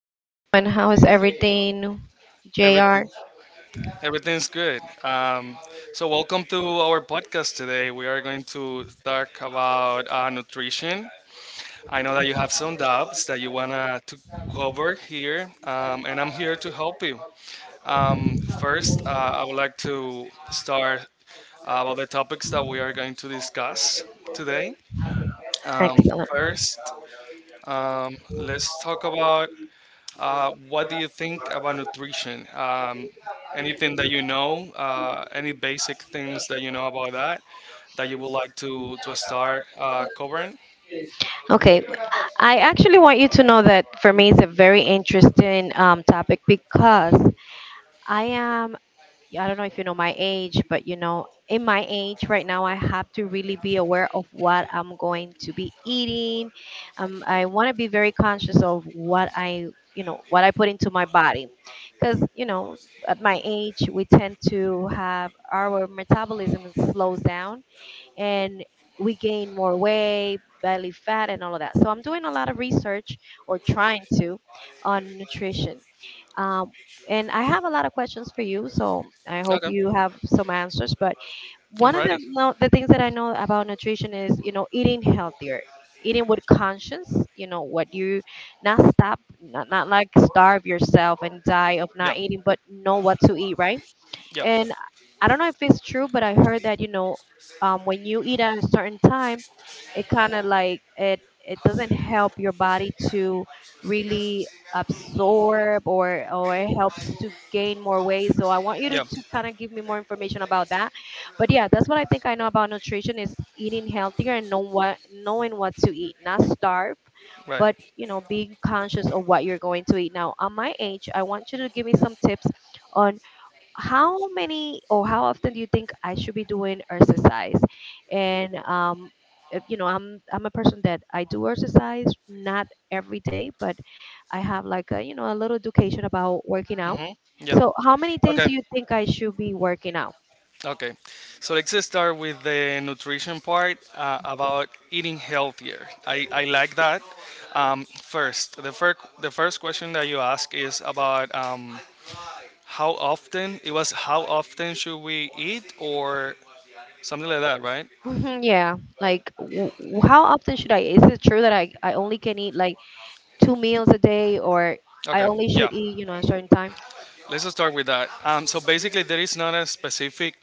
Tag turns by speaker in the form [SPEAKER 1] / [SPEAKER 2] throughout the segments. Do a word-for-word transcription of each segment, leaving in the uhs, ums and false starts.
[SPEAKER 1] how you doing? How is everything,
[SPEAKER 2] Everything
[SPEAKER 1] J R?
[SPEAKER 2] everything's good. Um, so welcome to our podcast today. We are going to talk about uh, nutrition. I know that you have some doubts that you wanna to cover here, um, and I'm here to help you. Um, first, uh, I would like to start uh, about the topics that we are going to discuss today. Um,
[SPEAKER 1] Excellent.
[SPEAKER 2] first, um, let's talk about Uh, what do you think about nutrition? Um, anything that you know, uh, any basic things that you know about that, that you would like to to start uh, covering?
[SPEAKER 1] Okay, I actually want you to know that for me it's a very interesting um, topic because I am I don't know if you know my age, but you know, in my age right now, I have to really be aware of what I'm going to be eating. Um, I want to be very conscious of what I, you know, what I put into my body, because you know, at my age, we tend to have our metabolism slows down and we gain more weight, belly fat, and all of that. So I'm doing a lot of research or trying to on nutrition. Um, and I have a lot of questions for you, so I hope
[SPEAKER 2] Okay,
[SPEAKER 1] you have some answers. But
[SPEAKER 2] I'm
[SPEAKER 1] one of the
[SPEAKER 2] ready.
[SPEAKER 1] no, the things that I know about nutrition is you know eating healthier, eating with conscience. You know what you not stop, not, not like starve yourself and die of not
[SPEAKER 2] Yep,
[SPEAKER 1] eating, but know what to eat, right?
[SPEAKER 2] yep,
[SPEAKER 1] And I don't know if it's true, but I heard that you know, um, when you eat at a certain time, it kind of like it it doesn't help your body to really absorb or or it helps to gain more weight. So I want you to,
[SPEAKER 2] yep.
[SPEAKER 1] to kind of give me more information about that. But yeah, that's what I think I know about nutrition is eating healthier and know what knowing what to eat, not starve
[SPEAKER 2] Right.
[SPEAKER 1] but you know being conscious of what you're going to eat. Now at my age I want you to give me some tips on how many or how often do you think I should be doing exercise? And um, uh, you know, I'm I'm a person that I do exercise not every day, but I have like a you know a little education about working out.
[SPEAKER 2] Mm-hmm. Yeah.
[SPEAKER 1] So how many days
[SPEAKER 2] Okay.
[SPEAKER 1] do you think I should be working out?
[SPEAKER 2] Okay. So let's just start with the nutrition part uh, about eating healthier. I, I like that. Um, first, the first the first question that you ask is about um, how often it was how often should we eat or something like that, right?
[SPEAKER 1] Mhm, yeah, like w- w- how often should I? Is it true that I I only can eat like two meals a day, or I
[SPEAKER 2] Okay,
[SPEAKER 1] only
[SPEAKER 2] yeah,
[SPEAKER 1] should eat you know a certain time?
[SPEAKER 2] let's just start with that. Um, so basically, there is not a specific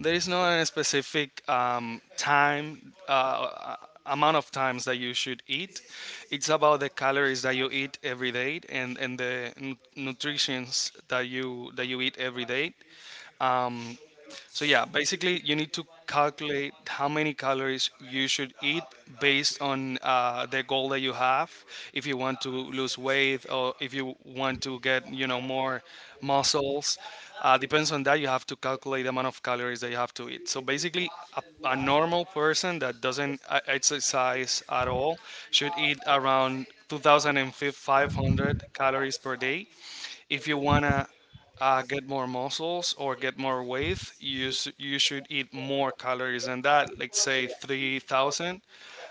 [SPEAKER 2] there is not a specific um, time, uh, uh, amount of times that you should eat. It's about the calories that you eat every day, and, and the nu- nutrients that you that you eat every day. um, So yeah, basically you need to calculate how many calories you should eat based on uh, the goal that you have. If you want to lose weight, or if you want to get, you know, more muscles, uh, depends on that. You have to calculate the amount of calories that you have to eat. So basically, a, a normal person that doesn't uh, exercise at all should eat around two thousand five hundred calories per day. If you wanna uh, get more muscles or get more weight, you s- you should eat more calories than that. Let's say three thousand.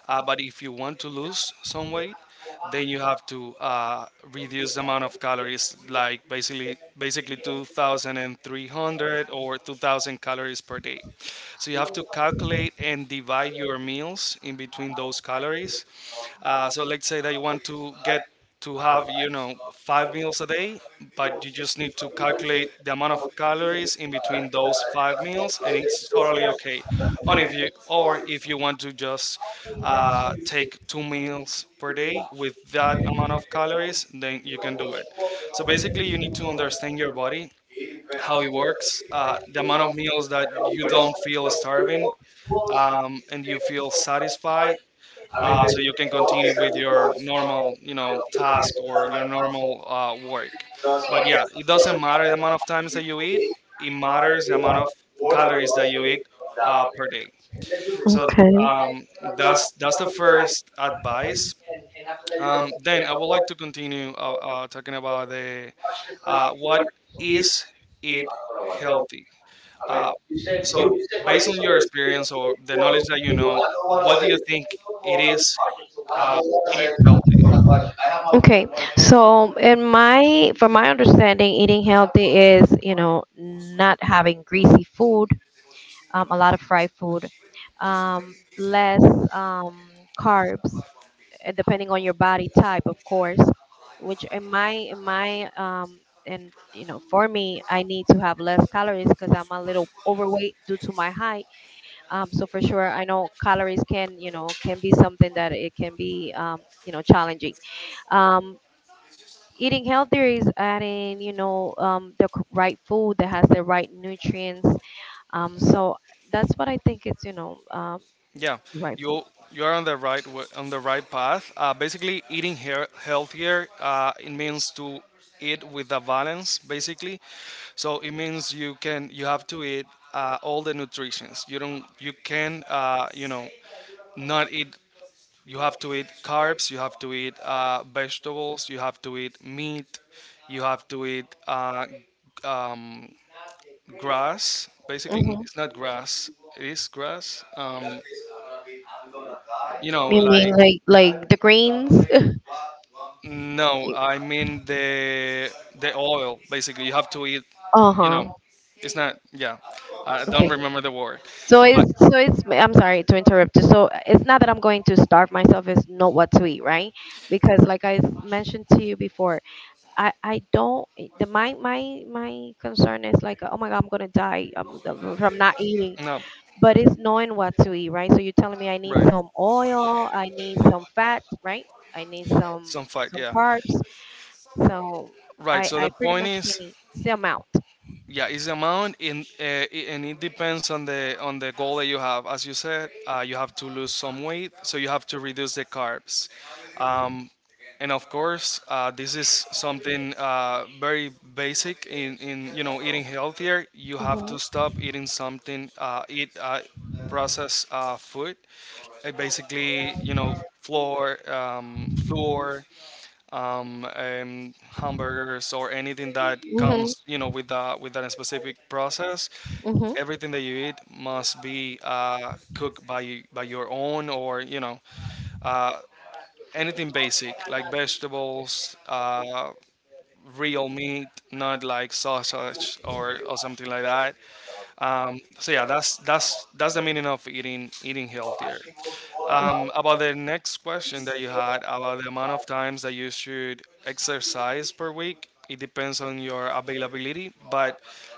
[SPEAKER 2] Uh, but if you want to lose some weight, then you have to uh, reduce the amount of calories, like basically basically two thousand and three covered calories per day. So you have to calculate and divide your meals in between those calories. Uh, so let's say that you want to get to have, you know, five meals a day, but you just need to calculate the amount of calories in between those five meals, and it's totally okay. on If you, or if you want to just uh, take two meals per day with that amount of calories, then you can do it. So basically, you need to understand your body, how it works, uh, the amount of meals that you don't feel starving, um, and you feel satisfied, uh, so you can continue with your normal, you know, task, or your normal uh, work. But yeah, it doesn't matter the amount of times that you eat. It matters the amount of calories that you eat uh, per day. so um, that's that's the first advice. Um, then I would like to continue uh, uh, talking about the uh, what is it healthy. uh, so Based on your experience or the knowledge that you know, what do you think it is, uh, eat healthy?
[SPEAKER 1] Okay, so in my, from my understanding, eating healthy is, you know, not having greasy food, um, a lot of fried food, um, less um, carbs, uh, depending on your body type, of course. Which in my in my um and you know, for me, I need to have less calories because I'm a little overweight due to my height. Um, so for sure, I know calories can you know can be something that it can be um you know challenging. Um, Eating healthier is adding you know um the c- right food that has the right nutrients. Um, so that's what I think it's you know um
[SPEAKER 2] Yeah,
[SPEAKER 1] right
[SPEAKER 2] you
[SPEAKER 1] food.
[SPEAKER 2] you are on the right wa- on the right path. Uh, basically, eating hea- healthier, uh, it means to eat with a balance. Basically, so it means you can you have to eat uh, all the nutrients. You don't you can, uh, you know, not eat. You have to eat carbs. You have to eat uh, vegetables. You have to eat meat. You have to eat uh, um, grass. Basically,
[SPEAKER 1] Hmm.
[SPEAKER 2] it's not grass. It is grass. Um, you know,
[SPEAKER 1] You mean
[SPEAKER 2] like,
[SPEAKER 1] like like the grains?
[SPEAKER 2] no, I mean the the oil. Basically, you have to eat, you know,
[SPEAKER 1] Uh-huh.
[SPEAKER 2] it's not, yeah, I don't
[SPEAKER 1] Okay.
[SPEAKER 2] remember the word.
[SPEAKER 1] So it's
[SPEAKER 2] But
[SPEAKER 1] so it's I'm sorry to interrupt you. So it's not that I'm going to starve myself, it's not what to eat, right? Because like I s- mentioned to you before, I I don't, the my my my concern is like oh my god, I'm going to die um, the- from not eating,
[SPEAKER 2] no,
[SPEAKER 1] but it's knowing what to eat, right? So you're telling me I need
[SPEAKER 2] right,
[SPEAKER 1] some oil, I need some fat, right? I need some
[SPEAKER 2] some fight,
[SPEAKER 1] and
[SPEAKER 2] yeah,
[SPEAKER 1] carbs. So
[SPEAKER 2] right.
[SPEAKER 1] I,
[SPEAKER 2] So the
[SPEAKER 1] I pretty
[SPEAKER 2] point
[SPEAKER 1] much can
[SPEAKER 2] is,
[SPEAKER 1] eat the amount.
[SPEAKER 2] yeah, it's the amount in, uh, i- and it depends on the on the goal that you have. As you said, uh, you have to lose some weight, so you have to reduce the carbs, um, and of course, uh, this is something uh, very basic. In, in, you know, eating healthier, you have
[SPEAKER 1] Hmm.
[SPEAKER 2] to stop eating something, uh, eat uh, processed uh, food, uh, basically, you know, flour, um, flour, um, um, hamburgers, or anything that comes, you know,
[SPEAKER 1] Hmm.
[SPEAKER 2] with that with that specific process.
[SPEAKER 1] Hmm.
[SPEAKER 2] Everything that you eat must be uh, cooked by you- by your own, or, you know, uh, anything basic like vegetables, uh, real meat, not like sausage, or, or something like that. Um, so yeah, that's that's that's the meaning of eating eating healthier. Um, about the next question that you had about the amount of times that you should exercise per week, it depends on your availability, but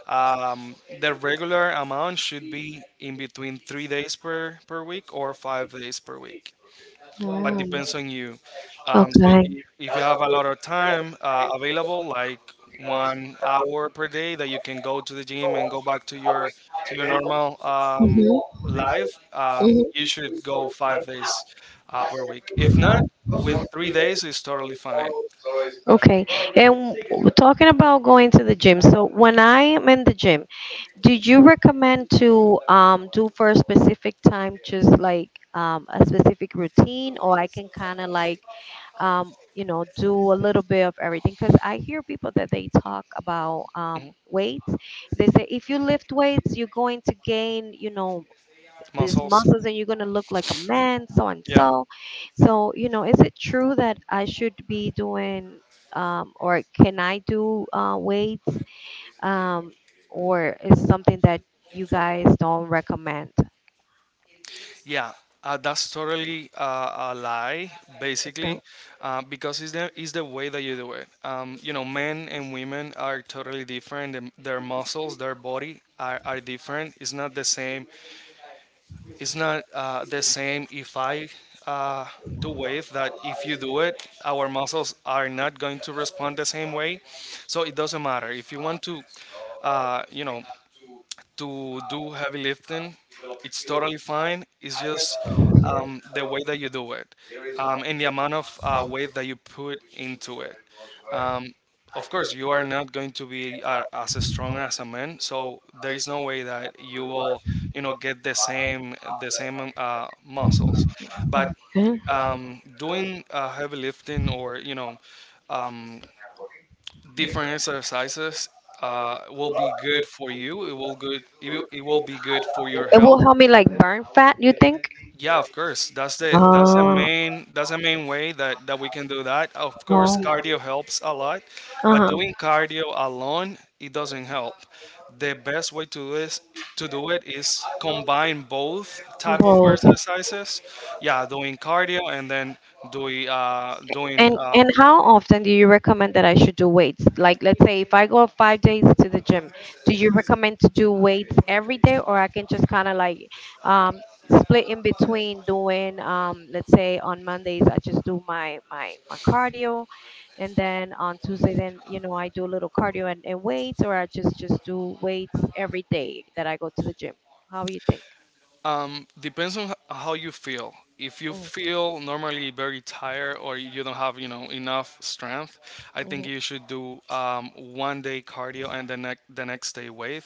[SPEAKER 2] um, the regular amount should be in between three days per, per week or five days per week, but
[SPEAKER 1] Mm.
[SPEAKER 2] depends on you. Um, so
[SPEAKER 1] Okay.
[SPEAKER 2] if, if you have a lot of time uh, available, like one hour per day, that you can go to the gym and go back to your to your normal um,
[SPEAKER 1] Hmm.
[SPEAKER 2] life, um, you should
[SPEAKER 1] Mhm.
[SPEAKER 2] go five days uh, per week. If not, with three days is totally fine.
[SPEAKER 1] Okay. And w- talking about going to the gym, so when I am in the gym, do you recommend to um do for a specific time, just like um a specific routine, or I can kind of like um you know do a little bit of everything? Because I hear people that they talk about um
[SPEAKER 2] Mhm.
[SPEAKER 1] weights. They say if you lift weights, you're going to gain you know these
[SPEAKER 2] Muscles,
[SPEAKER 1] muscles, and you're going to look like a man, so and
[SPEAKER 2] yeah.
[SPEAKER 1] so. So you know, is it true that I should be doing um or can I do uh weights? um, or is something that you guys don't recommend?
[SPEAKER 2] Yeah, uh, that's totally uh, a lie, basically,
[SPEAKER 1] So-
[SPEAKER 2] uh, because it's the, it's the way that you do it. Um, you know, men and women are totally different. Them- Their muscles, their body are, are different. It's not the same. It's not uh, the same if I uh, do it, that if you do it, our muscles are not going to respond the same way. So it doesn't matter. If you want to, uh, you know, to do heavy lifting, it's totally fine. It's just um, the way that you do it, um, and the amount of uh, weight that you put into it. Um, of course, you are not going to be uh, as strong as a man, so there is no way that you will, you know, get the same the same uh, muscles. But
[SPEAKER 1] Mhm.
[SPEAKER 2] um, doing uh, heavy lifting, or you know, um, different exercises uh, will be good for you. It will good. It will, it will be good for your
[SPEAKER 1] It will
[SPEAKER 2] health.
[SPEAKER 1] help me like burn fat. You think?
[SPEAKER 2] Yeah, of course. That's the that's the
[SPEAKER 1] Oh,
[SPEAKER 2] main that's the main way that that we can do that. Of course,
[SPEAKER 1] oh,
[SPEAKER 2] cardio helps a lot,
[SPEAKER 1] uh
[SPEAKER 2] but
[SPEAKER 1] huh.
[SPEAKER 2] doing cardio alone, it doesn't help. The best way to this to do it is combine both type of
[SPEAKER 1] Both.
[SPEAKER 2] exercises. Yeah, doing cardio and then doing uh, doing
[SPEAKER 1] And
[SPEAKER 2] uh,
[SPEAKER 1] and how often do you recommend that I should do weights? Like let's say if I go five days to the gym, do you recommend to do weights every day or I can just kind of like um split in between doing um let's say on Mondays I just do my my my cardio and then on Tuesday then you know I do a little cardio and, and weights or I just just do weights every day that I go to the gym. How you think?
[SPEAKER 2] Um, depends on h- how you feel. If you feel normally very tired, or you don't have, you know, enough strength, I think you should do um, one day cardio, and the next the next day weight,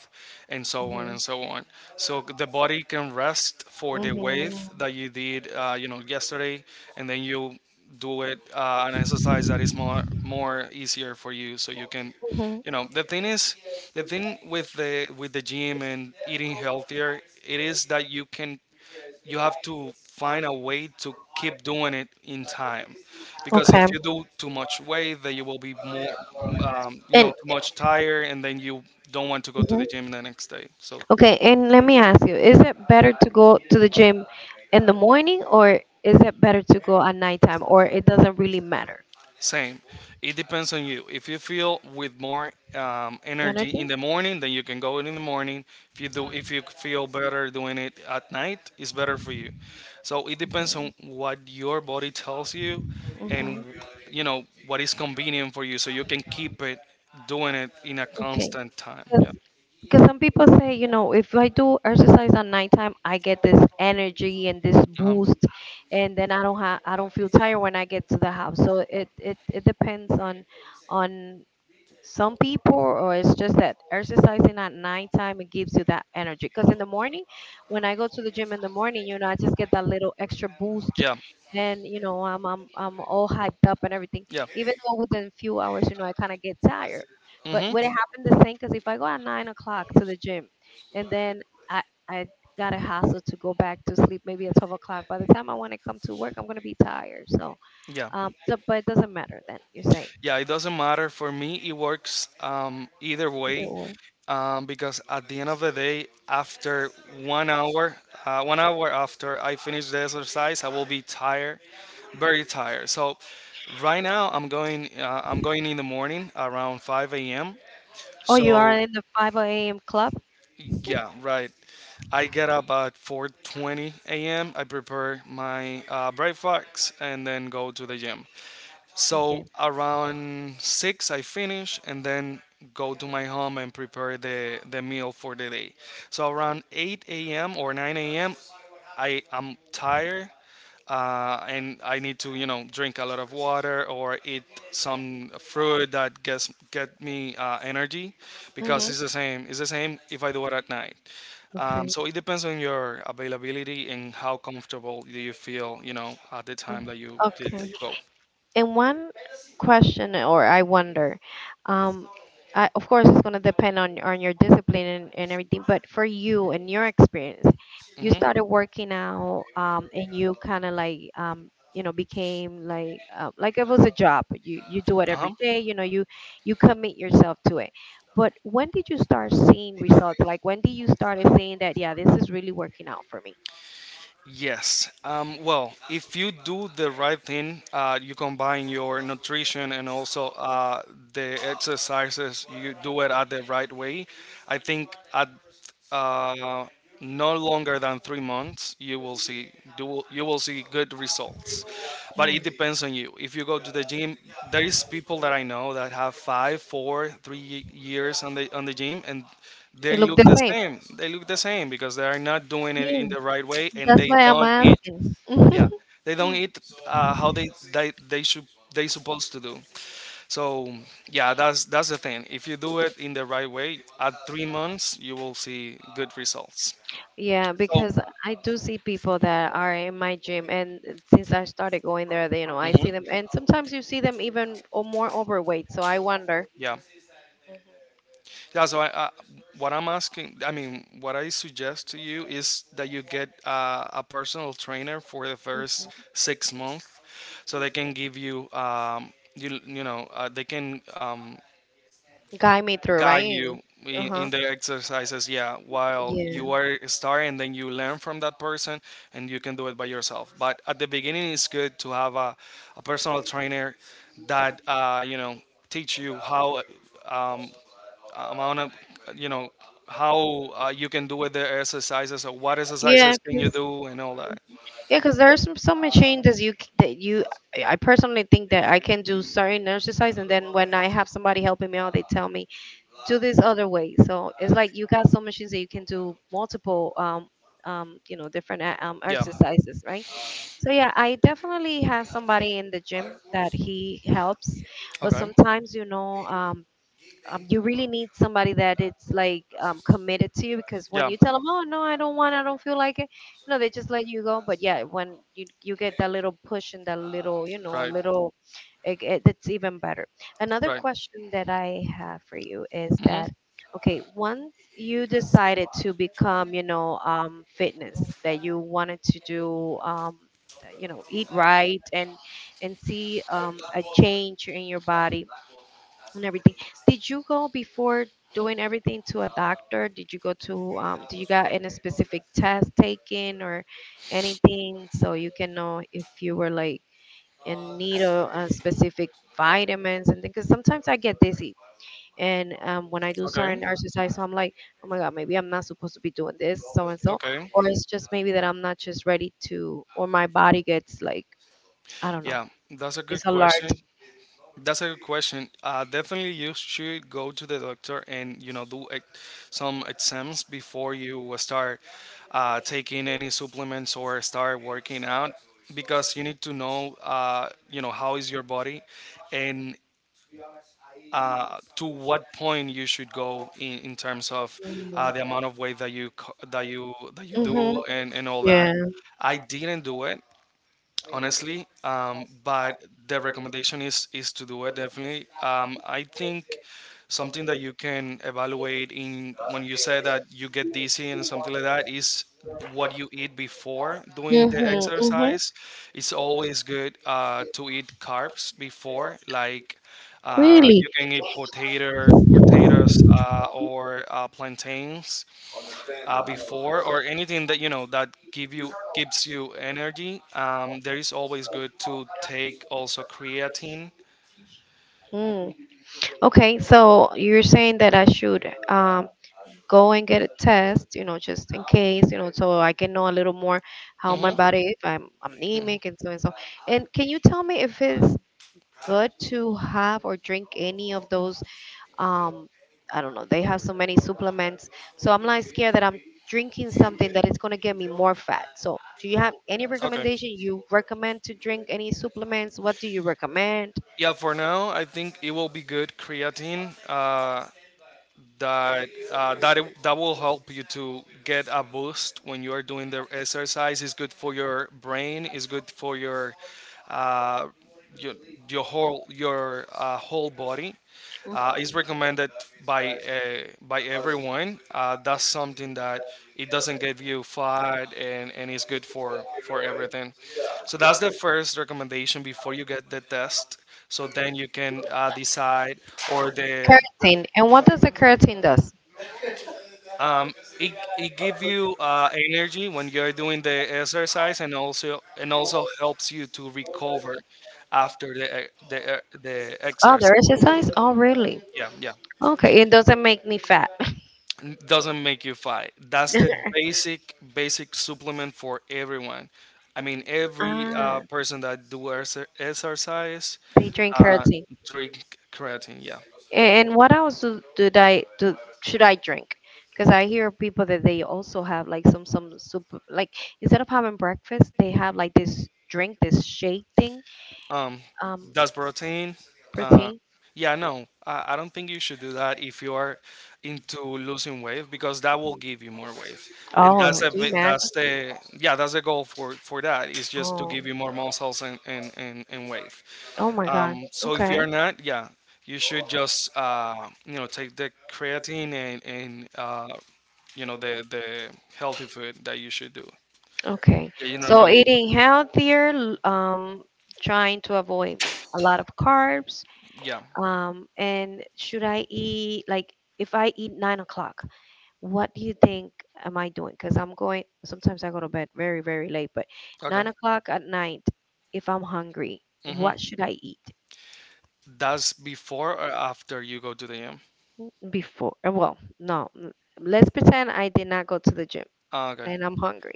[SPEAKER 2] and so on
[SPEAKER 1] Mm-hmm.
[SPEAKER 2] and so on. So c- the body can rest for the weight
[SPEAKER 1] Mm-hmm.
[SPEAKER 2] that you did, uh, you know, yesterday, and then you do it uh, an exercise that is more more easier for you, so you can,
[SPEAKER 1] Hmm.
[SPEAKER 2] you know, the thing is, the thing with the with the gym and eating healthier, it is that you can you have to find a way to keep doing it in time, because
[SPEAKER 1] Okay.
[SPEAKER 2] if you do too much weight, then you will be more, um, you know,
[SPEAKER 1] And
[SPEAKER 2] too much tired, and then you don't want to go to
[SPEAKER 1] mhm.
[SPEAKER 2] the gym the next day. So
[SPEAKER 1] Okay, and let me ask you, is it better to go to the gym in the morning or is it better to go at nighttime or it doesn't really matter?
[SPEAKER 2] same. It depends on you. If you feel with more um, energy in
[SPEAKER 1] Energy?
[SPEAKER 2] the morning, then you can go in the morning. If you do, if you feel better doing it at night, it's better for you. So it depends on what your body tells you, and
[SPEAKER 1] Mm-hmm.
[SPEAKER 2] you know what is convenient for you, so you can keep it doing it in a
[SPEAKER 1] Okay.
[SPEAKER 2] constant time. Yeah.
[SPEAKER 1] Because some people say, you know, if I do exercise at nighttime, I get this energy and this
[SPEAKER 2] Uh-huh.
[SPEAKER 1] boost, and then I don't have, I don't feel tired when I get to the house. So it it, it depends on on some people, or it's just that exercising at nighttime it gives you that energy? Because in the morning, when I go to the gym in the morning, you know, I just get that little extra boost,
[SPEAKER 2] Yeah.
[SPEAKER 1] and you know, i'm i'm, I'm all hyped up and everything.
[SPEAKER 2] Yeah.
[SPEAKER 1] Even though within a few hours, you know, I kind of get tired, but
[SPEAKER 2] Mhm.
[SPEAKER 1] would it happen the same? Because if I go at nine o'clock to the gym and then I I gotta hustle to go back to sleep maybe at twelve o'clock, by the time I want to come to work I'm gonna be tired. So
[SPEAKER 2] Yeah.
[SPEAKER 1] um so, but it doesn't matter then, you're saying,
[SPEAKER 2] Yeah, it doesn't matter for me. It works um, either
[SPEAKER 1] either
[SPEAKER 2] way.
[SPEAKER 1] or.
[SPEAKER 2] Um, because at the end of the day, after one hour, uh, one hour after I finish the exercise, I will be tired, very tired. So right now I'm going, uh, I'm going in the morning around five a m.
[SPEAKER 1] Oh, you are
[SPEAKER 2] So
[SPEAKER 1] in the five a m club?
[SPEAKER 2] yeah, right. I get up at four twenty a m. I prepare my uh, breakfast and then go to the gym. So
[SPEAKER 1] Okay.
[SPEAKER 2] around six, I finish and then go to my home and prepare the, the meal for the day. So around eight a m or nine a m, I am tired uh, and I need to, you know, drink a lot of water or eat some fruit that gets get me uh, energy, because
[SPEAKER 1] Mm-hmm.
[SPEAKER 2] it's the same. It's the same if I do it at night. Um,
[SPEAKER 1] Okay.
[SPEAKER 2] so it depends on your availability and how comfortable do you feel, you know, at the
[SPEAKER 1] Oh,
[SPEAKER 2] time that you that
[SPEAKER 1] okay.
[SPEAKER 2] you go.
[SPEAKER 1] And one question, or I wonder, um, I, of course, it's going to depend on on your discipline and, and everything. But for you and your experience, you
[SPEAKER 2] Hmm.
[SPEAKER 1] started working out, um, and you kind of like, um, you know, became like uh, like it was a job. You you do it
[SPEAKER 2] Uh-huh.
[SPEAKER 1] every day. You know, you you commit yourself to it. But when did you start seeing results? Like when did you started saying that, yeah, this is really working out for me?
[SPEAKER 2] Yes. Um, well, if you do the right thing, uh, you combine your nutrition and also uh, the exercises, you do it at the right way. I think at uh, no longer than three months, you will see you will, you will see good results. But it
[SPEAKER 1] Yeah.
[SPEAKER 2] depends on you. If you go to the gym, there is people that I know that have five, four, three years on the on the gym, and
[SPEAKER 1] They
[SPEAKER 2] they
[SPEAKER 1] look
[SPEAKER 2] look
[SPEAKER 1] the
[SPEAKER 2] the
[SPEAKER 1] same.
[SPEAKER 2] same. They look the same because they are not doing it
[SPEAKER 1] Yeah,
[SPEAKER 2] in the right way, and
[SPEAKER 1] that's
[SPEAKER 2] they
[SPEAKER 1] why I'm
[SPEAKER 2] don't eat.
[SPEAKER 1] asking.
[SPEAKER 2] Yeah, they don't eat uh, how they they they should they supposed to do. So yeah, that's that's the thing. If you do it in the right way, at three months you will see good results.
[SPEAKER 1] Yeah,
[SPEAKER 2] So
[SPEAKER 1] because I do see people that are in my gym, and since I started going there, they- you know, I
[SPEAKER 2] mhm,
[SPEAKER 1] see them, and sometimes you see them even o- more overweight. So I wonder,
[SPEAKER 2] yeah, yeah. So I, I, what I'm asking, I mean, what I suggest to you is that you get uh, a personal trainer for the first
[SPEAKER 1] mhm.
[SPEAKER 2] six months, so they can give you, um, you you know, uh, they can um,
[SPEAKER 1] Guide me through,
[SPEAKER 2] guide
[SPEAKER 1] right?
[SPEAKER 2] you
[SPEAKER 1] Uh
[SPEAKER 2] in,
[SPEAKER 1] huh.
[SPEAKER 2] in the exercises, yeah, while
[SPEAKER 1] Yeah,
[SPEAKER 2] you are starting, then you learn from that person, and you can do it by yourself. But at the beginning it's good to have a, a personal trainer that uh, you know teach you how, um, amount of, you know, how uh, you can do with the exercises, or what
[SPEAKER 1] yeah,
[SPEAKER 2] exercises can you
[SPEAKER 1] cause
[SPEAKER 2] do and all that.
[SPEAKER 1] yeah, 'cause there are some some machines that you c- that you, I I personally think that I can do certain exercise, and then when I have somebody helping me out, they tell me do this other way. So it's like you got some machines that you can do multiple, um, um, you know, different uh, um,
[SPEAKER 2] Yeah,
[SPEAKER 1] exercises, right? So yeah, I definitely have somebody in the gym that he helps, but
[SPEAKER 2] okay,
[SPEAKER 1] sometimes you know, um, um, you really need somebody that it's like um, committed to you, because when
[SPEAKER 2] yeah,
[SPEAKER 1] you tell them, "Oh no, I don't want, I don't feel like it," you know, they just let you go. But yeah, when you you get that little push and that little, you know,
[SPEAKER 2] right,
[SPEAKER 1] little, it, it, it's even better. Another
[SPEAKER 2] right,
[SPEAKER 1] question that I have for you is
[SPEAKER 2] hmm,
[SPEAKER 1] that okay, once you decided to become, you know, um, fitness that you wanted to do, um, you know, eat right and and see um, a change in your body and everything, did you go before doing everything to a doctor? Did you go to, um, do you got any specific test taken or anything so you can know if you were like in need of uh, specific vitamins and things? Because sometimes I get dizzy. And um, when I do
[SPEAKER 2] okay,
[SPEAKER 1] certain exercise, so I'm like, oh my God, maybe I'm not supposed to be doing this, so and so.
[SPEAKER 2] okay,
[SPEAKER 1] Or it's just maybe that I'm not just ready to, or my body gets like, I don't know,
[SPEAKER 2] yeah, that's a
[SPEAKER 1] it's
[SPEAKER 2] good
[SPEAKER 1] alert.
[SPEAKER 2] question. That's a good question. Uh, definitely, you should go to the doctor and, you know, do ex- some exams before you start uh, taking any supplements or start working out, because you need to know, uh, you know how is your body, and uh, to what point you should go in, in terms of uh, the amount of weight that you co- that you that you
[SPEAKER 1] Mm-hmm.
[SPEAKER 2] do and and all that.
[SPEAKER 1] Yeah.
[SPEAKER 2] I didn't do it honestly, um, but the recommendation is is to do it, definitely. um, I think something that you can evaluate in, when you say that you get dizzy and something like that, is what you eat before doing the
[SPEAKER 1] Mm-hmm.
[SPEAKER 2] exercise. It's always good uh, to eat carbs before. Like, uh, you
[SPEAKER 1] Really?
[SPEAKER 2] can eat potato potatoes, uh, or uh, plantains, uh, before, or anything that you know that give you gives you energy. Um, there is always good to take also creatine.
[SPEAKER 1] Mm. Okay, so you're saying that I should um, go and get a test, you know, just in case, you know, so I can know a little more how my
[SPEAKER 2] Hmm,
[SPEAKER 1] body, if I'm anemic and so and so. And can you tell me if it's good to have or drink any of those um, I don't know, they have so many supplements, so I'm like scared that I'm drinking something that is going to get me more fat. So do you have any
[SPEAKER 2] okay,
[SPEAKER 1] recommendation? You recommend to drink any supplements? What do you recommend?
[SPEAKER 2] yeah, for now I think it will be good creatine, uh, that uh, that it- that will help you to get a boost when you are doing the exercise. It's good for your brain. It's good for your uh, your your whole your uh, whole body.
[SPEAKER 1] Mhm.
[SPEAKER 2] Uh, it's recommended by uh, by everyone. Uh, that's something that it doesn't give you fat, and and it's good for for everything. So that's the first recommendation before you get the test. So then you can uh, decide, or the
[SPEAKER 1] Keratin. And what does the keratin does?
[SPEAKER 2] um, it, it gives you uh, energy when you're doing the exercise, and also and also helps you to recover after the e- the e- the
[SPEAKER 1] Oh, the
[SPEAKER 2] exercise.
[SPEAKER 1] exercise? Oh, really?
[SPEAKER 2] Yeah, yeah.
[SPEAKER 1] Okay, it doesn't make me fat.
[SPEAKER 2] N- doesn't make you fight, that's the basic basic supplement for everyone. I mean every
[SPEAKER 1] ah,
[SPEAKER 2] uh, person that do exer- exercise,
[SPEAKER 1] they drink
[SPEAKER 2] uh,
[SPEAKER 1] keratin.
[SPEAKER 2] drink creatine, yeah.
[SPEAKER 1] And what else do, did I do? Should I drink? Because I hear people that they also have like some some soup like instead of having breakfast, they have like this drink, this shake thing,
[SPEAKER 2] Um,
[SPEAKER 1] um,
[SPEAKER 2] does protein? Uh,
[SPEAKER 1] protein.
[SPEAKER 2] yeah, no, I, I don't think you should do that if you are into losing weight, because that will give you more weight, and
[SPEAKER 1] Oh, do
[SPEAKER 2] that's a
[SPEAKER 1] you
[SPEAKER 2] bit,
[SPEAKER 1] imagine?
[SPEAKER 2] that's the yeah that's the goal. for for that is just to
[SPEAKER 1] Oh,
[SPEAKER 2] give you more muscles and and and, and weight.
[SPEAKER 1] oh my God.
[SPEAKER 2] Um, so if
[SPEAKER 1] Okay,
[SPEAKER 2] you are not, yeah, you should just uh, you know take the creatine and and uh, you know the the healthy food that you should do.
[SPEAKER 1] okay.
[SPEAKER 2] Yeah, you
[SPEAKER 1] So
[SPEAKER 2] normally,
[SPEAKER 1] eating healthier, l- um, trying to avoid a lot of carbs.
[SPEAKER 2] yeah,
[SPEAKER 1] Um, and should I eat like if I eat nine o'clock? What do you think am I doing? Because I'm going, sometimes I go to bed very, very late, but
[SPEAKER 2] okay.
[SPEAKER 1] nine o'clock at night, if I'm hungry,
[SPEAKER 2] Hmm.
[SPEAKER 1] what should I eat
[SPEAKER 2] That's before or after you go to the gym?
[SPEAKER 1] before? uh, Well, no, n- let's pretend I did not go to the gym
[SPEAKER 2] Ah, okay.
[SPEAKER 1] and I'm hungry,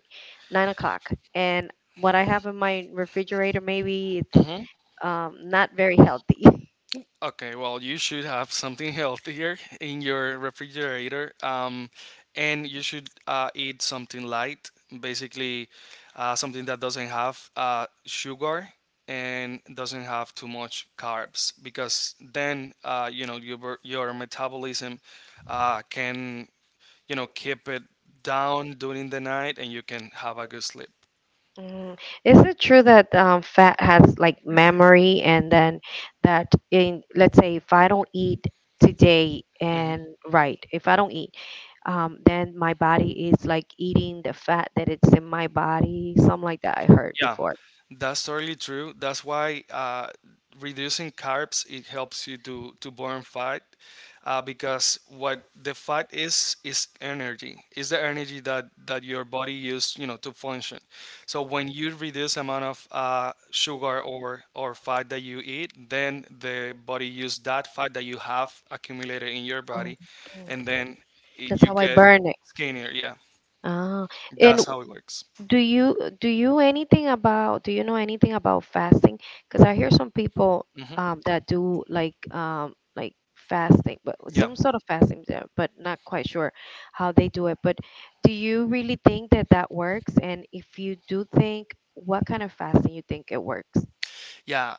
[SPEAKER 1] nine o'clock. And what I have in my refrigerator, maybe it's
[SPEAKER 2] Mm-hmm.
[SPEAKER 1] um, not very healthy.
[SPEAKER 2] Okay, well, you should have something healthier in your refrigerator, um, and you should uh, eat something light, basically. Uh, something that doesn't have uh, sugar and doesn't have too much carbs, because then, uh, you know your your metabolism uh, can, you know, keep it down during the night, and you can have a good sleep.
[SPEAKER 1] Mm. Is it true that um, fat has like memory, and then that in, let's say if I don't eat today
[SPEAKER 2] Mm-hmm.
[SPEAKER 1] and right, if I don't eat, um, then my body is like eating the fat that it's in my body, something like that I heard
[SPEAKER 2] Yeah,
[SPEAKER 1] before.
[SPEAKER 2] that's totally true. That's why uh, reducing carbs it helps you to to burn fat, uh, because what the fat is is energy. Is the energy that that your body used, you know, to function. So when you reduce amount of uh, sugar or or fat that you eat, then the body use that fat that you have accumulated in your
[SPEAKER 1] Oh,
[SPEAKER 2] body,
[SPEAKER 1] mm.
[SPEAKER 2] and then
[SPEAKER 1] That's
[SPEAKER 2] you
[SPEAKER 1] how I
[SPEAKER 2] get
[SPEAKER 1] burn it.
[SPEAKER 2] skinnier. Yeah,
[SPEAKER 1] Ah, and
[SPEAKER 2] that's how it works.
[SPEAKER 1] Do you do you anything about do you know anything about fasting? Because I hear some people
[SPEAKER 2] Hmm.
[SPEAKER 1] um, that do like um, like fasting, but
[SPEAKER 2] Yeah.
[SPEAKER 1] some sort of fasting there, but not quite sure how they do it. But do you really think that that works? And if you do think, what kind of fasting you think it works?
[SPEAKER 2] Yeah,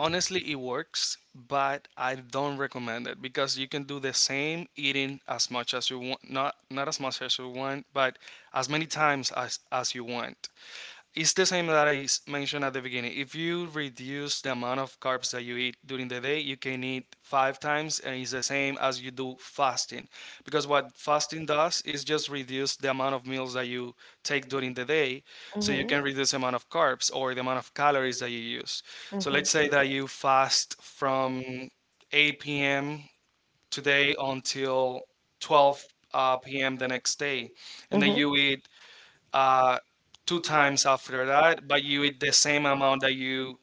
[SPEAKER 2] honestly, it works, but I don't recommend it, because you can do the same eating as much as you want. Not not as much as you want, but as many times as as you want. It's the same that I s- mentioned at the beginning. If you reduce the amount of carbs that you eat during the day, you can eat five times, and it's the same as you do fasting. Because what fasting does is just reduce the amount of meals that you take during the day, so you
[SPEAKER 1] Mm-hmm.
[SPEAKER 2] can reduce the amount of carbs or the amount of calories that you use. So
[SPEAKER 1] Mm-hmm.
[SPEAKER 2] let's say that you fast from eight p m today until twelve uh, p m the next day, and then
[SPEAKER 1] Mm-hmm.
[SPEAKER 2] you eat uh, two times after that, but you eat the same amount that you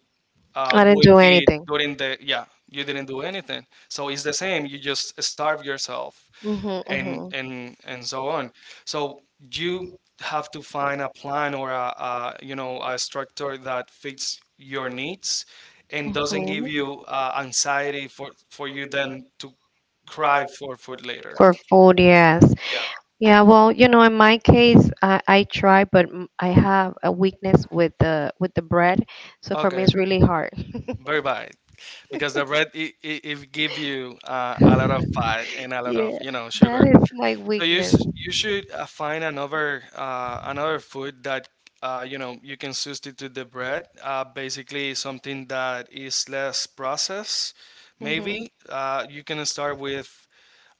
[SPEAKER 2] uh,
[SPEAKER 1] I didn't
[SPEAKER 2] would
[SPEAKER 1] do
[SPEAKER 2] eat
[SPEAKER 1] anything.
[SPEAKER 2] during the, yeah. You didn't do anything, so it's the same. You just starve yourself,
[SPEAKER 1] Mm-hmm.
[SPEAKER 2] and
[SPEAKER 1] Mm-hmm.
[SPEAKER 2] and and so on. So you have to find a plan or a, a, you know, a structure that fits your needs and doesn't give you uh, anxiety for for you then to cry for food later.
[SPEAKER 1] For food, yes.
[SPEAKER 2] Yeah.
[SPEAKER 1] Yeah, well, you know, in my case, I, I try, but m- I have a weakness with the with the bread, so for me
[SPEAKER 2] Okay.
[SPEAKER 1] it's really hard.
[SPEAKER 2] Bye bye. Because the bread it, it, it give you uh, a lot of fat and a lot of,
[SPEAKER 1] Yeah,
[SPEAKER 2] you know,
[SPEAKER 1] that
[SPEAKER 2] sugar,
[SPEAKER 1] is my
[SPEAKER 2] so you
[SPEAKER 1] weakness.
[SPEAKER 2] s you should uh, find another uh, another food that, uh, you know you can substitute the bread. Uh, basically something that is less processed.
[SPEAKER 1] hmm
[SPEAKER 2] Maybe uh, you can start with,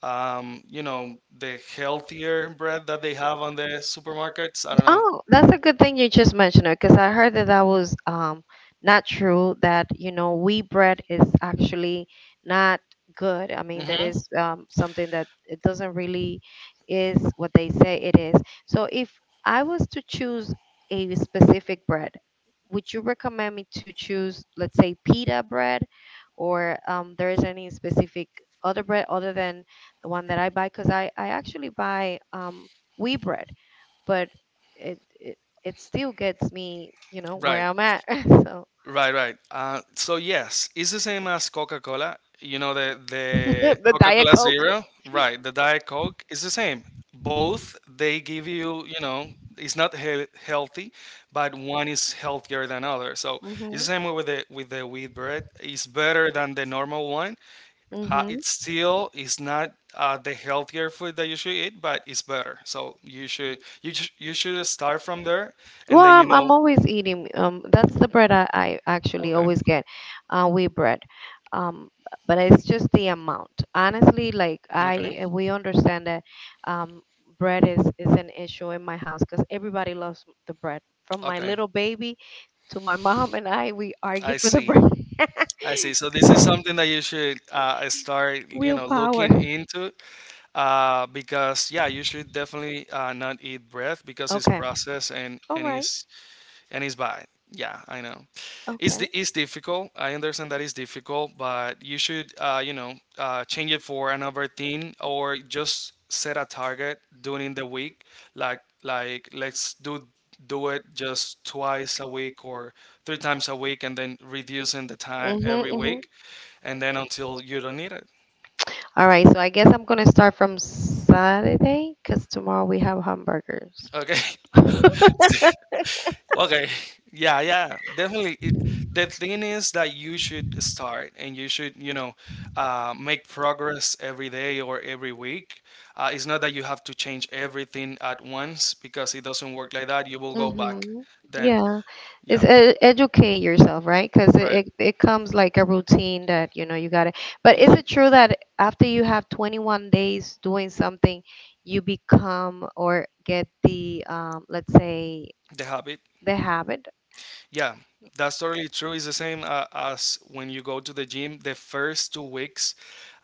[SPEAKER 2] um, you know the healthier bread that they have on the supermarkets, I don't know.
[SPEAKER 1] Oh, that's a good thing you just mentioned it because I heard that that was um, not true. That you know, wheat bread is actually not good. I mean, that
[SPEAKER 2] Hmm,
[SPEAKER 1] is um, something that it doesn't really is what they say it is. So, if I was to choose a specific bread, would you recommend me to choose, let's say, pita bread, or um, there is any specific other bread other than the one that I buy? Because I I actually buy um, wheat bread, but it it, it still gets me, you know, where
[SPEAKER 2] right.
[SPEAKER 1] I'm at. So.
[SPEAKER 2] Right, right. Uh, so yes, it's the same as Coca-Cola. You know the the
[SPEAKER 1] The Diet
[SPEAKER 2] Coca-Cola
[SPEAKER 1] Coke.
[SPEAKER 2] Zero, right? The Diet Coke is the same. Both they give you, you know, it's not he- healthy, but one is healthier than other. So
[SPEAKER 1] Hmm.
[SPEAKER 2] it's the same way with the with the wheat bread. It's better than the normal one. Uh,
[SPEAKER 1] Hmm.
[SPEAKER 2] it's still it's not uh, the healthier food that you should eat, but it's better. So you should you sh- you should start from there, and
[SPEAKER 1] Well,
[SPEAKER 2] then you
[SPEAKER 1] I'm,
[SPEAKER 2] know.
[SPEAKER 1] I'm always eating. Um, that's the bread I, I actually
[SPEAKER 2] Okay.
[SPEAKER 1] always get, uh, wheat bread. Um, but it's just the amount. Honestly, like
[SPEAKER 2] Okay.
[SPEAKER 1] I, uh, we understand that, um, bread is is an issue in my house because everybody loves the bread. From my
[SPEAKER 2] Okay.
[SPEAKER 1] little baby to my mom and I, we argue
[SPEAKER 2] I
[SPEAKER 1] for the
[SPEAKER 2] see.
[SPEAKER 1] bread.
[SPEAKER 2] I see. So this is something that you should uh, start, you know,
[SPEAKER 1] Willpower.
[SPEAKER 2] looking into, uh, because yeah, you should definitely uh, not eat bread, because it's
[SPEAKER 1] Okay.
[SPEAKER 2] processed and
[SPEAKER 1] All
[SPEAKER 2] and
[SPEAKER 1] right.
[SPEAKER 2] it's and it's bad. Yeah, I know. It's
[SPEAKER 1] Okay.
[SPEAKER 2] di- it's difficult. I understand that it's difficult, but you should, uh, you know, uh, change it for another thing, or just set a target during the week. Like like let's do do it just twice a week or three times a week, and then reducing the time
[SPEAKER 1] Mhm.
[SPEAKER 2] every
[SPEAKER 1] Mhm.
[SPEAKER 2] week and then until you don't need it.
[SPEAKER 1] All right, so I guess I'm gonna start from Saturday because tomorrow we have hamburgers.
[SPEAKER 2] Okay. See? Okay. Yeah, yeah. Definitely. It, the thing is that you should start, and you should, you know, uh, make progress every day or every week. Uh, it's not that you have to change everything at once, because it doesn't work like that. You will go back
[SPEAKER 1] Mm-hmm.
[SPEAKER 2] then.
[SPEAKER 1] Yeah, it's
[SPEAKER 2] Yeah.
[SPEAKER 1] ed educate yourself, right? Because it,
[SPEAKER 2] Right.
[SPEAKER 1] it it comes like a routine that you know you gotta. But is
[SPEAKER 2] Hmm.
[SPEAKER 1] it true that after you have twenty-one days doing something, you become or get the, um, let's say,
[SPEAKER 2] The habit.
[SPEAKER 1] the habit?
[SPEAKER 2] Yeah. That's totally true. It's the same uh, as when you go to the gym. The first two weeks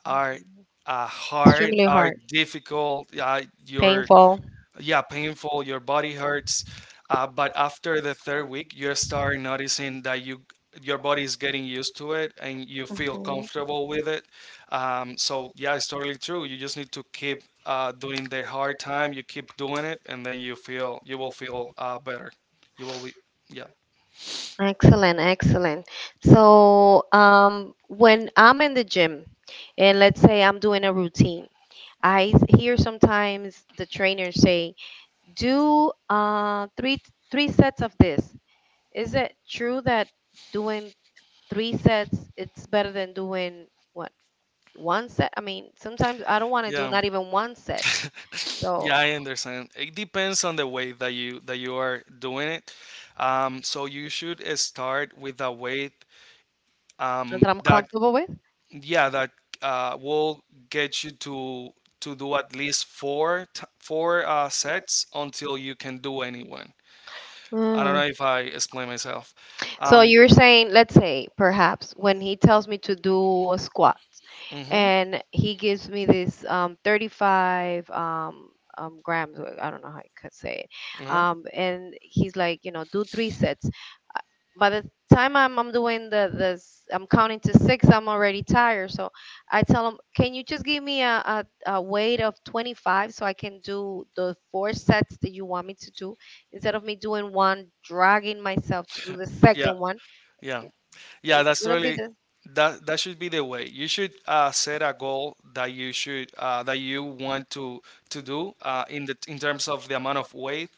[SPEAKER 2] are
[SPEAKER 1] Mhm.
[SPEAKER 2] uh, hard,
[SPEAKER 1] Extremely
[SPEAKER 2] are
[SPEAKER 1] hard,
[SPEAKER 2] difficult. Uh, your
[SPEAKER 1] painful.
[SPEAKER 2] yeah, painful. Your body hurts. Uh, but after the third week, you start noticing that you your body is getting used to it and you feel
[SPEAKER 1] Mhm.
[SPEAKER 2] comfortable with it. Um, so yeah, it's totally true. You just need to keep uh, doing the hard time. You keep doing it, and then you feel you will feel uh, better. You will be, yeah,
[SPEAKER 1] Excellent, excellent. So, um, when I'm in the gym and let's say I'm doing a routine, I s- hear sometimes the trainers say, "Do uh three three sets of this." Is it true that doing three sets it's better than doing what one set? I mean, sometimes I don't want to do
[SPEAKER 2] yeah.
[SPEAKER 1] not even one set, so
[SPEAKER 2] Yeah, I understand. It depends on the way that you that you are doing it. Um, so you should uh, start with a weight um,
[SPEAKER 1] that I'm
[SPEAKER 2] that,
[SPEAKER 1] comfortable with.
[SPEAKER 2] yeah, that uh, will get you to to do at least four t- four uh, sets until you can do anyone. I don't
[SPEAKER 1] Mm.
[SPEAKER 2] know if I explain myself.
[SPEAKER 1] So
[SPEAKER 2] Um,
[SPEAKER 1] you're saying, let's say, perhaps when he tells me to do a squat,
[SPEAKER 2] mhm,
[SPEAKER 1] and he gives me this, um, thirty-five um, um, grams, uh, I don't know how I could say it,
[SPEAKER 2] uh-huh.
[SPEAKER 1] um, and he's like, you know, do three sets. By the time I'm, I'm doing the this, I'm counting to six, I'm already tired. So I tell him, can you just give me a, a, a weight of twenty-five so I can do the four sets that you want me to do instead of me doing one, dragging myself to do the
[SPEAKER 2] Yeah,
[SPEAKER 1] second one.
[SPEAKER 2] yeah. Yeah, that's
[SPEAKER 1] Gonna be
[SPEAKER 2] really
[SPEAKER 1] the.
[SPEAKER 2] that that should be the way. You should uh, set a goal that you should uh, that you want to to do uh, in the in terms of the amount of weight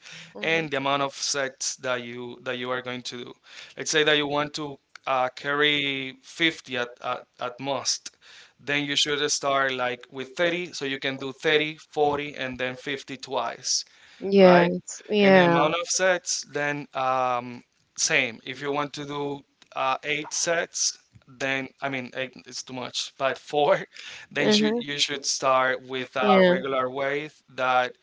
[SPEAKER 2] and the amount
[SPEAKER 1] Hmm.
[SPEAKER 2] of sets that you that you are going to do. Let's say that you want to uh, carry fifty at, at at most. Then you should start like with thirty, so you can do thirty, forty, and then fifty twice, right?
[SPEAKER 1] Yes.
[SPEAKER 2] And the
[SPEAKER 1] Yeah.
[SPEAKER 2] amount of sets, then, um, same. If you want to do uh, eight sets, then, I mean, eight is too much, but four. Then you
[SPEAKER 1] Mhm.
[SPEAKER 2] you should start with a
[SPEAKER 1] Yeah.
[SPEAKER 2] regular weight that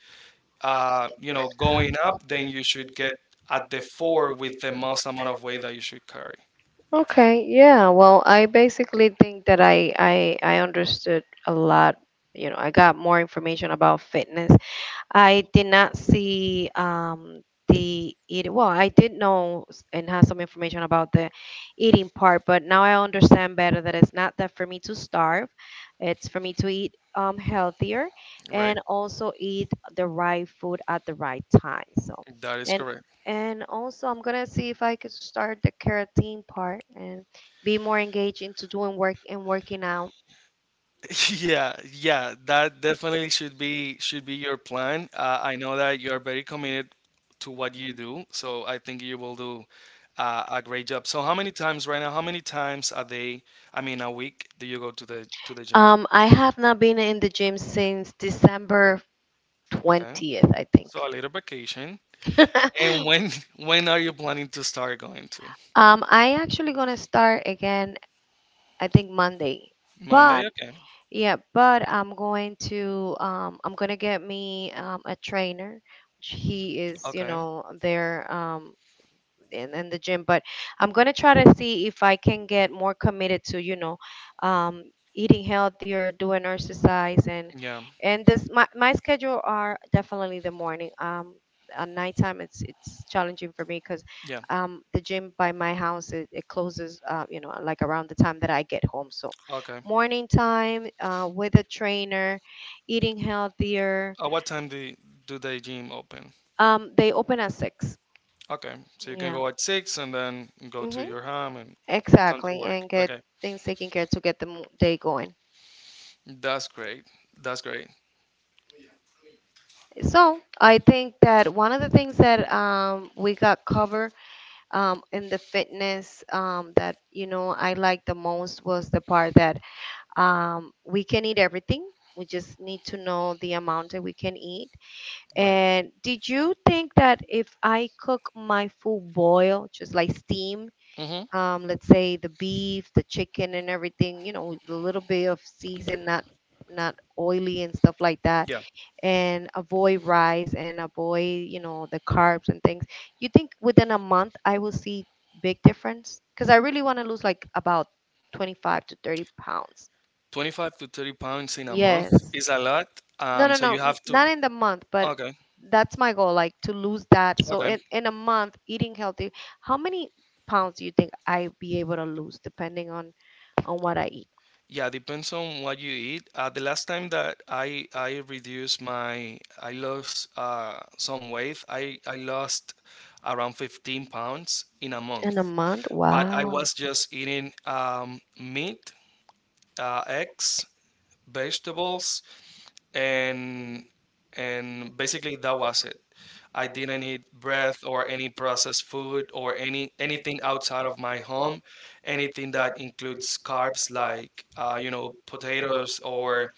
[SPEAKER 2] uh, you know going up. Then you should get at the four with the most amount of weight that you should carry,
[SPEAKER 1] Okay, yeah. Well, I basically think that I I I understood a lot, you know, I got more information about fitness. I did not see, um, the eating. Well, I did know s- and have some information about the eating part, but now I understand better that it's not that for me to starve. It's for me to eat um, healthier,
[SPEAKER 2] right?
[SPEAKER 1] and also eat the right food at the right time. So,
[SPEAKER 2] That is
[SPEAKER 1] and
[SPEAKER 2] correct.
[SPEAKER 1] and also I'm gonna see if I could start the keratin part and be more engaged into doing work and working out.
[SPEAKER 2] Yeah, yeah, that definitely should be should be your plan. Uh, I know that you are very committed to what you do, so I think you will do uh, a great job. So how many times right now, how many times a day, I mean a week, do you go to the to the gym?
[SPEAKER 1] Um, I have not been in the gym since December
[SPEAKER 2] Okay.
[SPEAKER 1] 20th, I think.
[SPEAKER 2] So a little vacation. And when when are you planning to start going to?
[SPEAKER 1] um, I actually gonna start again. I think Monday, but
[SPEAKER 2] Monday? Okay.
[SPEAKER 1] yeah, but I'm going to, um, I'm gonna get me um, a trainer, which he is, you
[SPEAKER 2] Okay.
[SPEAKER 1] know, there um, in, in the gym, but I'm gonna try to see if I can get more committed to, you know, um, eating healthier, doing exercise, and
[SPEAKER 2] Yeah.
[SPEAKER 1] and this my my schedule are definitely the morning. Um, at nighttime, it's it's challenging for me because
[SPEAKER 2] Yeah.
[SPEAKER 1] um, the gym by my house it, it closes, uh, you know, like around the time that I get home. So
[SPEAKER 2] Okay.
[SPEAKER 1] morning time, uh, with a trainer, eating healthier,
[SPEAKER 2] At what time do do the gym open?
[SPEAKER 1] um, they open at six.
[SPEAKER 2] Okay, so you can
[SPEAKER 1] Yeah.
[SPEAKER 2] go at six and then go to
[SPEAKER 1] Hmm.
[SPEAKER 2] your home and come to
[SPEAKER 1] Exactly,
[SPEAKER 2] work.
[SPEAKER 1] and get
[SPEAKER 2] Okay.
[SPEAKER 1] things taken care to get the mo- day going.
[SPEAKER 2] That's great. That's great.
[SPEAKER 1] So I think that one of the things that, um, we got covered, um, in the fitness, um, that you know I liked the most was the part that Um, we can eat everything. We just need to know the amount that we can eat.
[SPEAKER 2] Right.
[SPEAKER 1] And did you think that if I cook my food boil, just like steam,
[SPEAKER 2] Mm-hmm.
[SPEAKER 1] um, let's say the beef, the chicken, and everything, you know, with a little bit of season, not not oily and stuff like that,
[SPEAKER 2] Yeah.
[SPEAKER 1] and avoid rice and avoid, you know, the carbs and things. You think within a month I will see big difference? Because I really want to lose like about twenty-five to thirty pounds.
[SPEAKER 2] twenty-five to thirty pounds in a month
[SPEAKER 1] Yes.
[SPEAKER 2] is a lot.
[SPEAKER 1] No,
[SPEAKER 2] Um,
[SPEAKER 1] no,
[SPEAKER 2] so
[SPEAKER 1] no.
[SPEAKER 2] you
[SPEAKER 1] n-
[SPEAKER 2] have to.
[SPEAKER 1] Not in the month, but
[SPEAKER 2] Okay.
[SPEAKER 1] that's my goal, like to lose that. So
[SPEAKER 2] Okay.
[SPEAKER 1] in, in a month, eating healthy, how many pounds do you think I be able to lose depending on on what I eat?
[SPEAKER 2] Yeah, depends on what you eat. Uh, the last time that I I reduced my I lost uh some weight. I I lost around fifteen pounds in a
[SPEAKER 1] In a
[SPEAKER 2] month.
[SPEAKER 1] month?
[SPEAKER 2] But I
[SPEAKER 1] Wow.
[SPEAKER 2] was just eating um meat, uh, eggs, vegetables, and and basically that was it. I didn't eat breath or any processed food or any anything outside of my home, anything that includes carbs like uh, you know potatoes or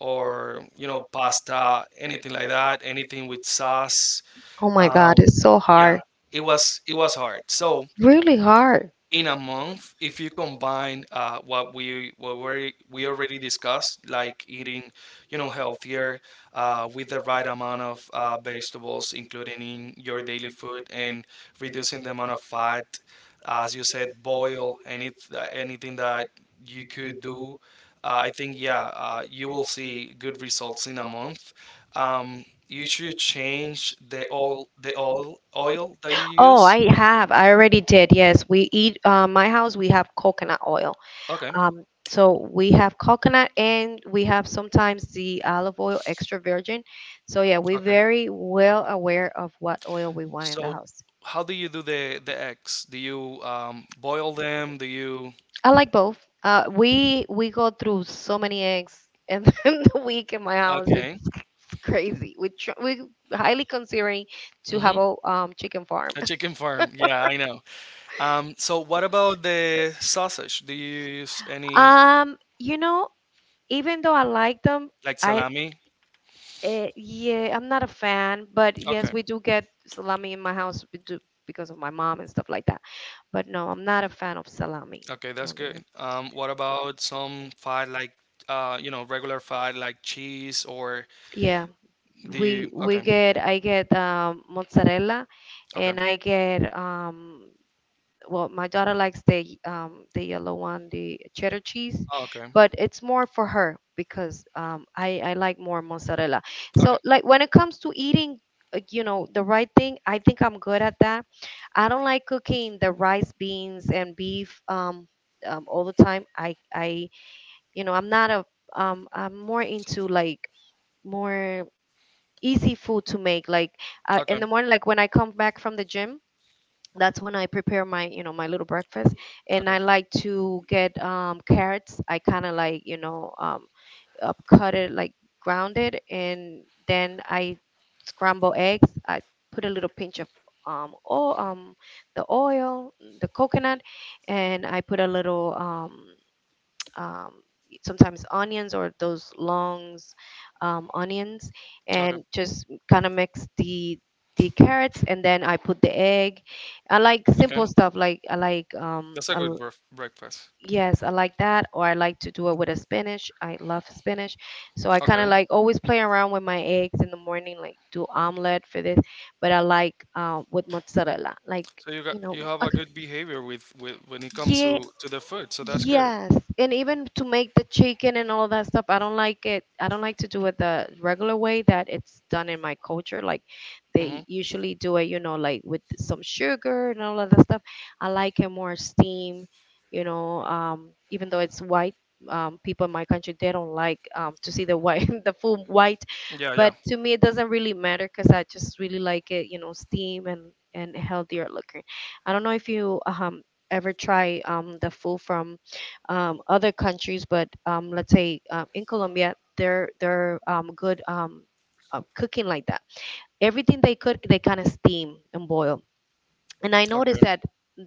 [SPEAKER 2] or you know pasta, anything like that, anything with sauce.
[SPEAKER 1] Oh my God,
[SPEAKER 2] Um,
[SPEAKER 1] it's so
[SPEAKER 2] yeah,
[SPEAKER 1] hard.
[SPEAKER 2] it was it was hard. So
[SPEAKER 1] Really hard.
[SPEAKER 2] in a month, if you combine uh, what we what we we already discussed, like eating you know healthier, uh, with the right amount of uh, vegetables, including in your daily food, and reducing the amount of fat, uh, as you said, boil any anything that you could do, uh, I think, yeah, uh, you will see good results in a month. Um, you should change the oil the oil oil that you
[SPEAKER 1] Oh,
[SPEAKER 2] use.
[SPEAKER 1] I have. I already did. Yes, we eat. Uh, my house, we have coconut oil.
[SPEAKER 2] Okay.
[SPEAKER 1] Okay. Um, so we have coconut and we have sometimes the olive oil extra virgin. So yeah, we're
[SPEAKER 2] Okay.
[SPEAKER 1] very well aware of what oil we want in the
[SPEAKER 2] So,
[SPEAKER 1] house.
[SPEAKER 2] how do you do the the eggs? Do you um, boil them? Do you?
[SPEAKER 1] I like both. Uh, we we go through so many eggs in the week in my house.
[SPEAKER 2] Okay.
[SPEAKER 1] It's crazy. We tr- we highly considering to have
[SPEAKER 2] Hmm.
[SPEAKER 1] a um chicken farm.
[SPEAKER 2] A chicken farm. Yeah, I know. Um, so, what about the sausage? Do you use any,
[SPEAKER 1] Um, you know, even though I like them,
[SPEAKER 2] like
[SPEAKER 1] I,
[SPEAKER 2] salami?
[SPEAKER 1] Eh, yeah, I'm not a fan, but yes,
[SPEAKER 2] Okay.
[SPEAKER 1] we do get salami in my house we do, because of my mom and stuff like that. But no, I'm not a fan of salami.
[SPEAKER 2] Okay, that's good. Um, what about some fat, like uh, you know, regular fat like cheese, or
[SPEAKER 1] Yeah,
[SPEAKER 2] do
[SPEAKER 1] we
[SPEAKER 2] you?
[SPEAKER 1] we
[SPEAKER 2] Okay.
[SPEAKER 1] get I get um, mozzarella,
[SPEAKER 2] Okay.
[SPEAKER 1] and I get, um, well my daughter likes the um the yellow one, the cheddar cheese,
[SPEAKER 2] Oh, okay.
[SPEAKER 1] but it's more for her because um i i like more mozzarella.
[SPEAKER 2] Okay.
[SPEAKER 1] So like when it comes to eating, uh, you know the right thing, I think I'm good at that. I don't like cooking the rice beans and beef, um, um all the time. I I You know, I'm not a, um I'm more into like more easy food to make, like uh, in
[SPEAKER 2] Okay.
[SPEAKER 1] the morning like when I come back from the gym. That's when I prepare my you know my little breakfast, and
[SPEAKER 2] Okay.
[SPEAKER 1] I like to get um, carrots. I kind of like, you know, um, up cut it like ground it, and then I scramble eggs. I put a little pinch of, um, oh um, the oil, the coconut. And I put a little, um, um, sometimes onions or those longs, um, onions,
[SPEAKER 2] Okay.
[SPEAKER 1] and just kind of mix the the carrots, and then I put the egg. I like
[SPEAKER 2] Okay.
[SPEAKER 1] simple stuff like I like, um
[SPEAKER 2] That's a
[SPEAKER 1] I
[SPEAKER 2] good
[SPEAKER 1] l-
[SPEAKER 2] bref- breakfast.
[SPEAKER 1] yes, I like that, or I like to do it with a spinach. I love spinach. So I kind of
[SPEAKER 2] Okay.
[SPEAKER 1] like always play around with my eggs in the morning like do omelet for this, but I like, um with mozzarella. Like,
[SPEAKER 2] So you got
[SPEAKER 1] you know,
[SPEAKER 2] you have a
[SPEAKER 1] okay,
[SPEAKER 2] good behavior with, with when it comes
[SPEAKER 1] yeah.
[SPEAKER 2] to, to the food. So that's good.
[SPEAKER 1] Yes, and even to make the chicken and all that stuff, I don't like it. I don't like to do it the regular way that it's done in my culture. Like
[SPEAKER 2] Hmm.
[SPEAKER 1] they usually do it, you know, like with some sugar and all of that stuff. I like it more steam, you know, um, even though it's white. Um, people in my country they don't like, um, to see the white, the full white,
[SPEAKER 2] Yeah, yeah.
[SPEAKER 1] but to me it doesn't really matter because I just really like it, you know, steam and and healthier looking. I don't know if you, um ever try um, the food from, um, other countries, but, um, let's say, um, in Colombia, they're they're um, good, um, uh, cooking like that. Everything they cook, they kind of steam and boil. And I noticed
[SPEAKER 2] Okay.
[SPEAKER 1] that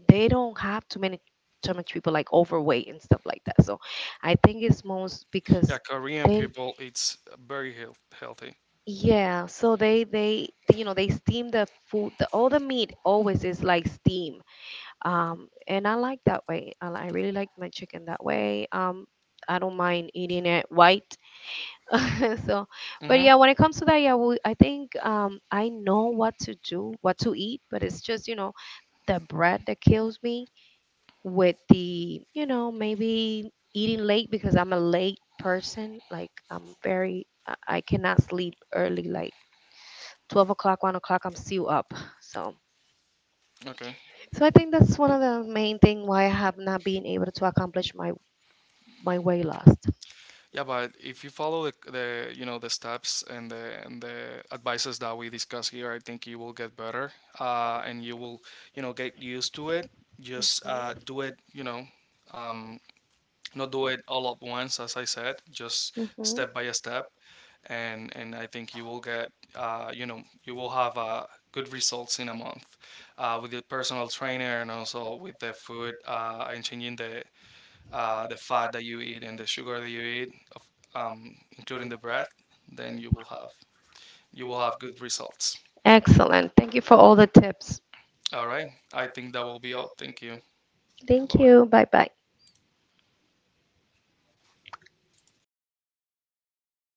[SPEAKER 1] they don't have too many too much people like overweight and stuff like that. So I think it's most because
[SPEAKER 2] Yeah, Korean
[SPEAKER 1] they
[SPEAKER 2] people, it's very health, healthy.
[SPEAKER 1] yeah so they they you know they steam the food, the all the meat always is like steam, um, and I like that way. I, I really like my chicken that way. Um, I don't mind eating it white. So, but
[SPEAKER 2] Hmm.
[SPEAKER 1] yeah, when it comes to that, yeah, well, I think, um, I know what to do, what to eat, but it's just you know the bread that kills me with the you know maybe eating late because I'm a late person. Like I'm very, I I cannot sleep early. Like twelve o'clock, one o'clock, I'm still up. So.
[SPEAKER 2] Okay.
[SPEAKER 1] So I think that's one of the main thing why I have not been able to accomplish my my way last.
[SPEAKER 2] Yeah, but if you follow the, the you know the steps and the and the advices that we discuss here, I think you will get better. Uh, and you will you know get used to it. Just uh, do it. You know, um, not do it all at once, as I said, just
[SPEAKER 1] Mhm. Mhm.
[SPEAKER 2] step by step, and and I think you will get, uh, you know you will have uh, good results in a month, uh, with your personal trainer, and also with the food, uh, and changing the uh, the fat that you eat and the sugar that you eat of, um, including the bread, then you will have you will have good results.
[SPEAKER 1] Excellent. Thank you for all the tips.
[SPEAKER 2] All right, I think that will be all. Thank you.
[SPEAKER 1] Thank
[SPEAKER 2] Bye bye.
[SPEAKER 1] you. Bye bye.